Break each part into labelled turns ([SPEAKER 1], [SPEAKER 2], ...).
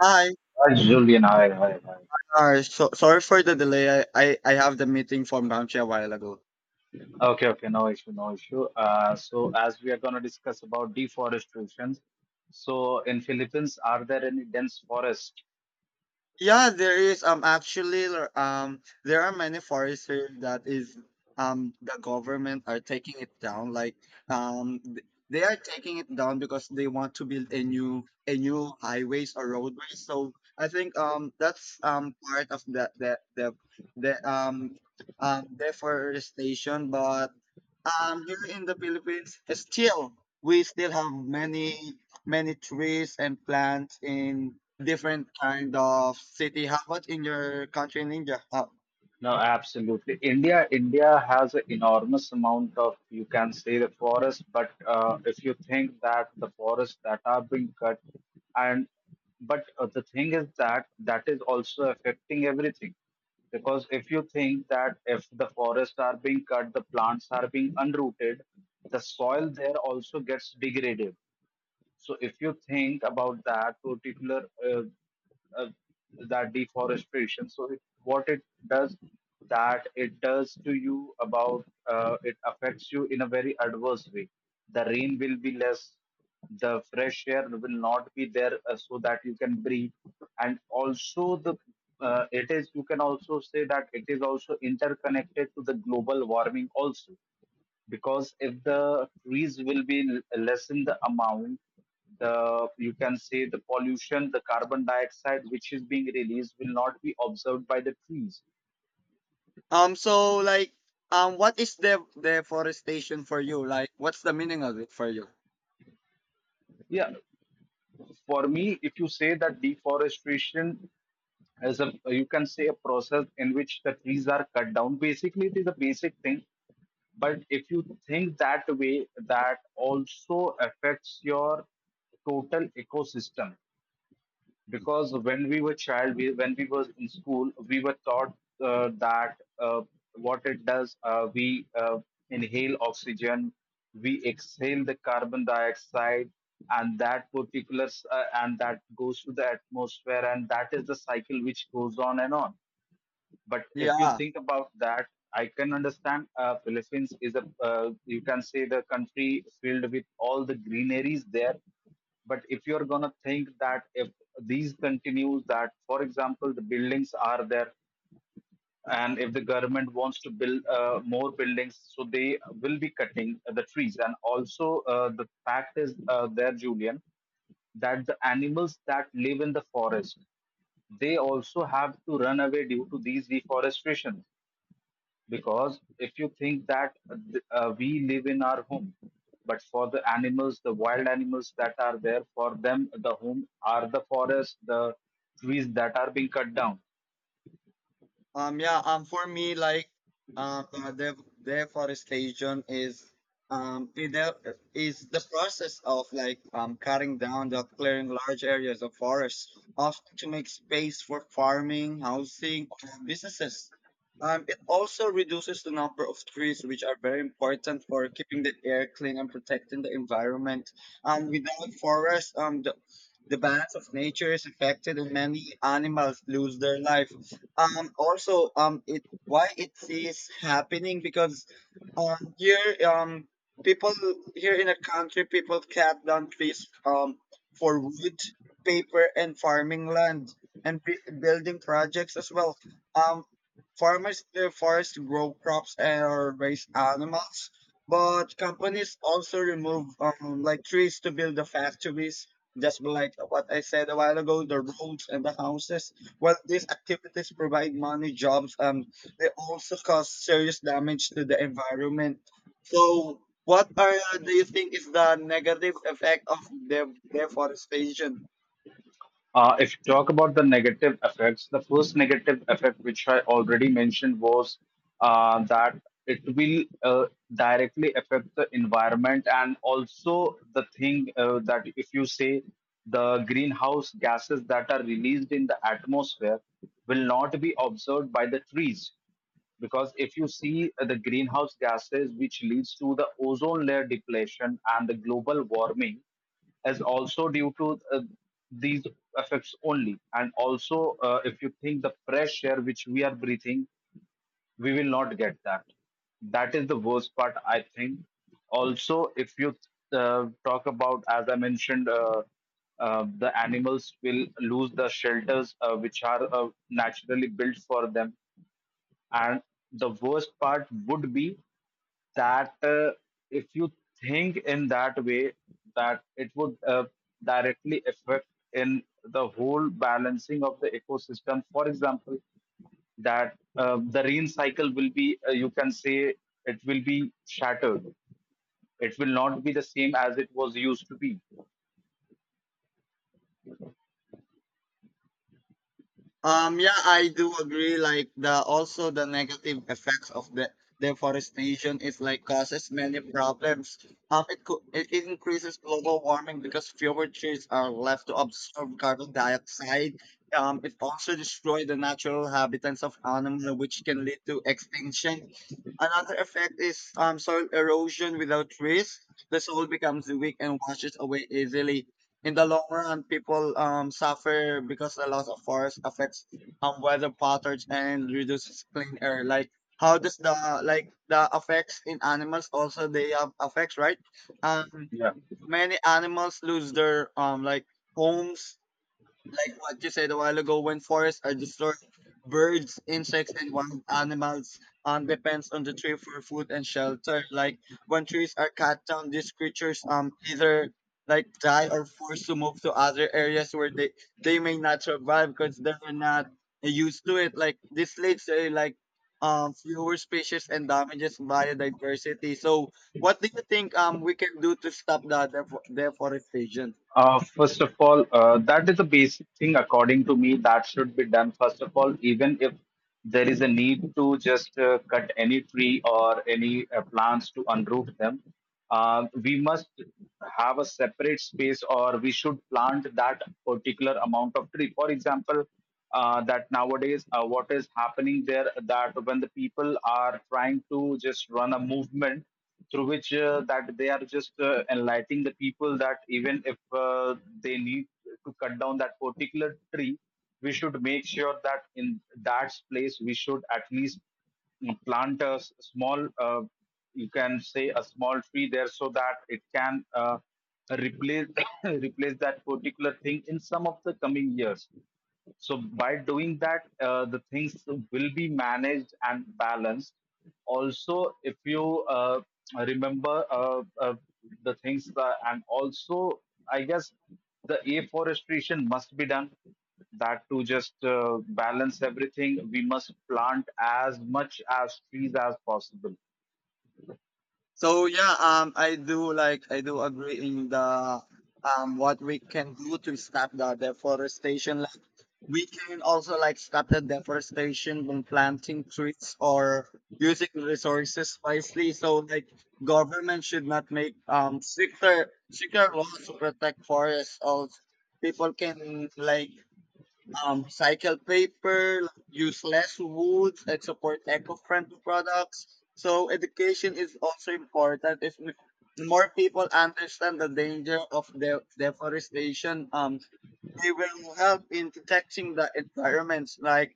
[SPEAKER 1] Hi.
[SPEAKER 2] Hi, Julian. Hi.
[SPEAKER 1] Sorry for the delay. I have the meeting from Ramchi a while ago.
[SPEAKER 2] Okay, okay, no issue, no issue. So as we are going to discuss about deforestation, so in Philippines, are there any dense forests?
[SPEAKER 1] Yeah, there is actually there are many forests here that is the government are taking it down like they are taking it down because they want to build a new highways or roadways. So I think that's part of the deforestation. But here in the Philippines, still we still have many many trees and plants in different kind of city. How about in your country, in India?
[SPEAKER 2] No, absolutely. India has an enormous amount of, you can say, the forest. But if you think that the forests that are being cut, and but the thing is that that is also affecting everything. Because if you think that if the forests are being cut, the plants are being unrooted, the soil there also gets degraded, so if you think about that particular uh, that deforestation, so it, what it does that it does to you about it affects you in a very adverse way. The rain will be less, the fresh air will not be there, so that you can breathe, and also the it is, you can also say that it is also interconnected to the global warming also, because if the trees will be lessen the amount, the, you can say, the pollution, the carbon dioxide which is being released will not be observed by the trees.
[SPEAKER 1] Um, so like, what is the deforestation for you? Like, what's the meaning of it for you?
[SPEAKER 2] Yeah, for me, if you say that deforestation as a, you can say, a process in which the trees are cut down, basically it is a basic thing. But if you think that way, that also affects your total ecosystem, because when we were child we, when we were in school, we were taught that what it does, we inhale oxygen, we exhale the carbon dioxide, and that particular and that goes to the atmosphere, and that is the cycle which goes on and on. But if you
[SPEAKER 1] Yeah.
[SPEAKER 2] think about that, I can understand Philippines is a, you can say, the country filled with all the greeneries there. But if you're going to think that if these continues, that for example the buildings are there, and if the government wants to build more buildings, so they will be cutting the trees, and also the fact is there, Julian, that the animals that live in the forest, they also have to run away due to these deforestation. Because if you think that we live in our home, but for the animals, the wild animals that are there, for them the home are the forest, the trees that are being cut down.
[SPEAKER 1] Yeah, for me, like, um, uh, de- deforestation is, um, it de- is the process of, like, cutting down the clearing large areas of forests, often to make space for farming, housing, or businesses. It also reduces the number of trees, which are very important for keeping the air clean and protecting the environment. Without forests, the balance of nature is affected, and many animals lose their life. It, why it is happening? Because here people here in the country, people cut down trees for wood, paper, and farming land and building projects as well. Um, Farmers in the forest grow crops and or raise animals, but companies also remove like trees to build the factories. Just like what I said a while ago, the roads and the houses. While these activities provide money, jobs, they also cause serious damage to the environment. So, what are, do you think is the negative effect of deforestation?
[SPEAKER 2] If you talk about the negative effects, the first negative effect, which I already mentioned, was that it will directly affect the environment, and also the thing that if you say the greenhouse gases that are released in the atmosphere will not be observed by the trees, because if you see the greenhouse gases which leads to the ozone layer depletion, and the global warming is also due to these effects only. And also if you think, the fresh air which we are breathing, we will not get that. That is the worst part, I think. Also, if you talk about, as I mentioned, the animals will lose the shelters which are naturally built for them. And the worst part would be that if you think in that way, that it would directly affect in the whole balancing of the ecosystem. For example, that the rain cycle will be, you can say, it will be shattered. It will not be the same as it was used to be.
[SPEAKER 1] Yeah, I do agree. Like the, also the negative effects of the deforestation is like causes many problems. It could, it increases global warming because fewer trees are left to absorb carbon dioxide. It also destroys the natural habitats of animals, which can lead to extinction. Another effect is soil erosion without risk. The soil becomes weak and washes away easily. In the long run, people suffer because the loss of forest affects weather patterns and reduces clean air. Like, how does the, like the effects in animals, also they have effects, right? Um,
[SPEAKER 2] Yeah.
[SPEAKER 1] Many animals lose their like homes, like what you said a while ago. When forests are destroyed, birds, insects, and wild animals depends on the tree for food and shelter. Like, when trees are cut down, these creatures either like die or forced to move to other areas where they may not survive because they're not used to it. Like, this leads to like fewer species and damages biodiversity. So what do you think we can do to stop the deforestation?
[SPEAKER 2] First of all, that is a basic thing according to me that should be done. First of all, even if there is a need to just cut any tree or any plants to unroof them, we must have a separate space, or we should plant that particular amount of tree. For example, that nowadays what is happening there, that when the people are trying to just run a movement through which that they are just enlightening the people, that even if they need to cut down that particular tree, we should make sure that in that place we should at least plant a small, you can say a small tree there so that it can. Replace replace that particular thing in some of the coming years. So by doing that, the things will be managed and balanced. Also, if you uh, remember, the things that, and also I guess the afforestation must be done, that to just balance everything, we must plant as much as trees as possible.
[SPEAKER 1] So yeah, I do like, I do agree in the what we can do to stop the deforestation. Like, we can also like stop the deforestation when planting trees or using resources wisely. So like, government should not make stricter stricter laws to protect forests. Or people can like recycle paper, use less wood, and support eco-friendly products. So education is also important. If we- More people understand the danger of deforestation, they will help in protecting the environments. Like,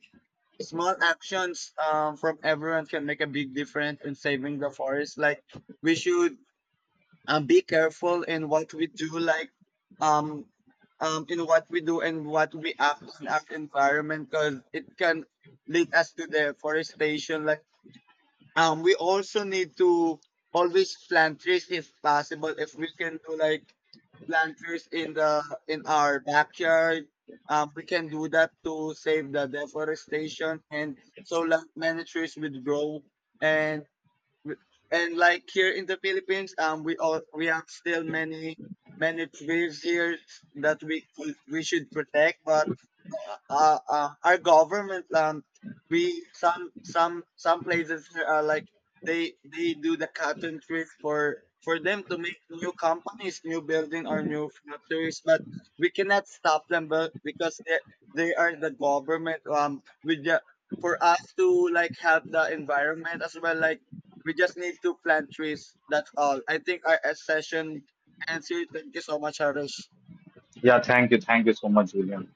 [SPEAKER 1] small actions from everyone can make a big difference in saving the forest. Like, we should be careful in what we do, like um in what we do and what we act in our environment, because it can lead us to deforestation. Like we also need to always plant trees if possible. If we can do, like, plant trees in the in our backyard, we can do that to save the deforestation. And so like, many trees would grow. and and like here in the Philippines, we all, we have still many many trees here that we should protect. But our government, we, some places are like they do the cotton trick for them to make new companies, new building, or new factories, but we cannot stop them. But because they are the government, with the, for us to like help the environment as well, like we just need to plant trees. That's all. I think our session ends here. Thank you so much, Harish.
[SPEAKER 2] Yeah, thank you, so much, William.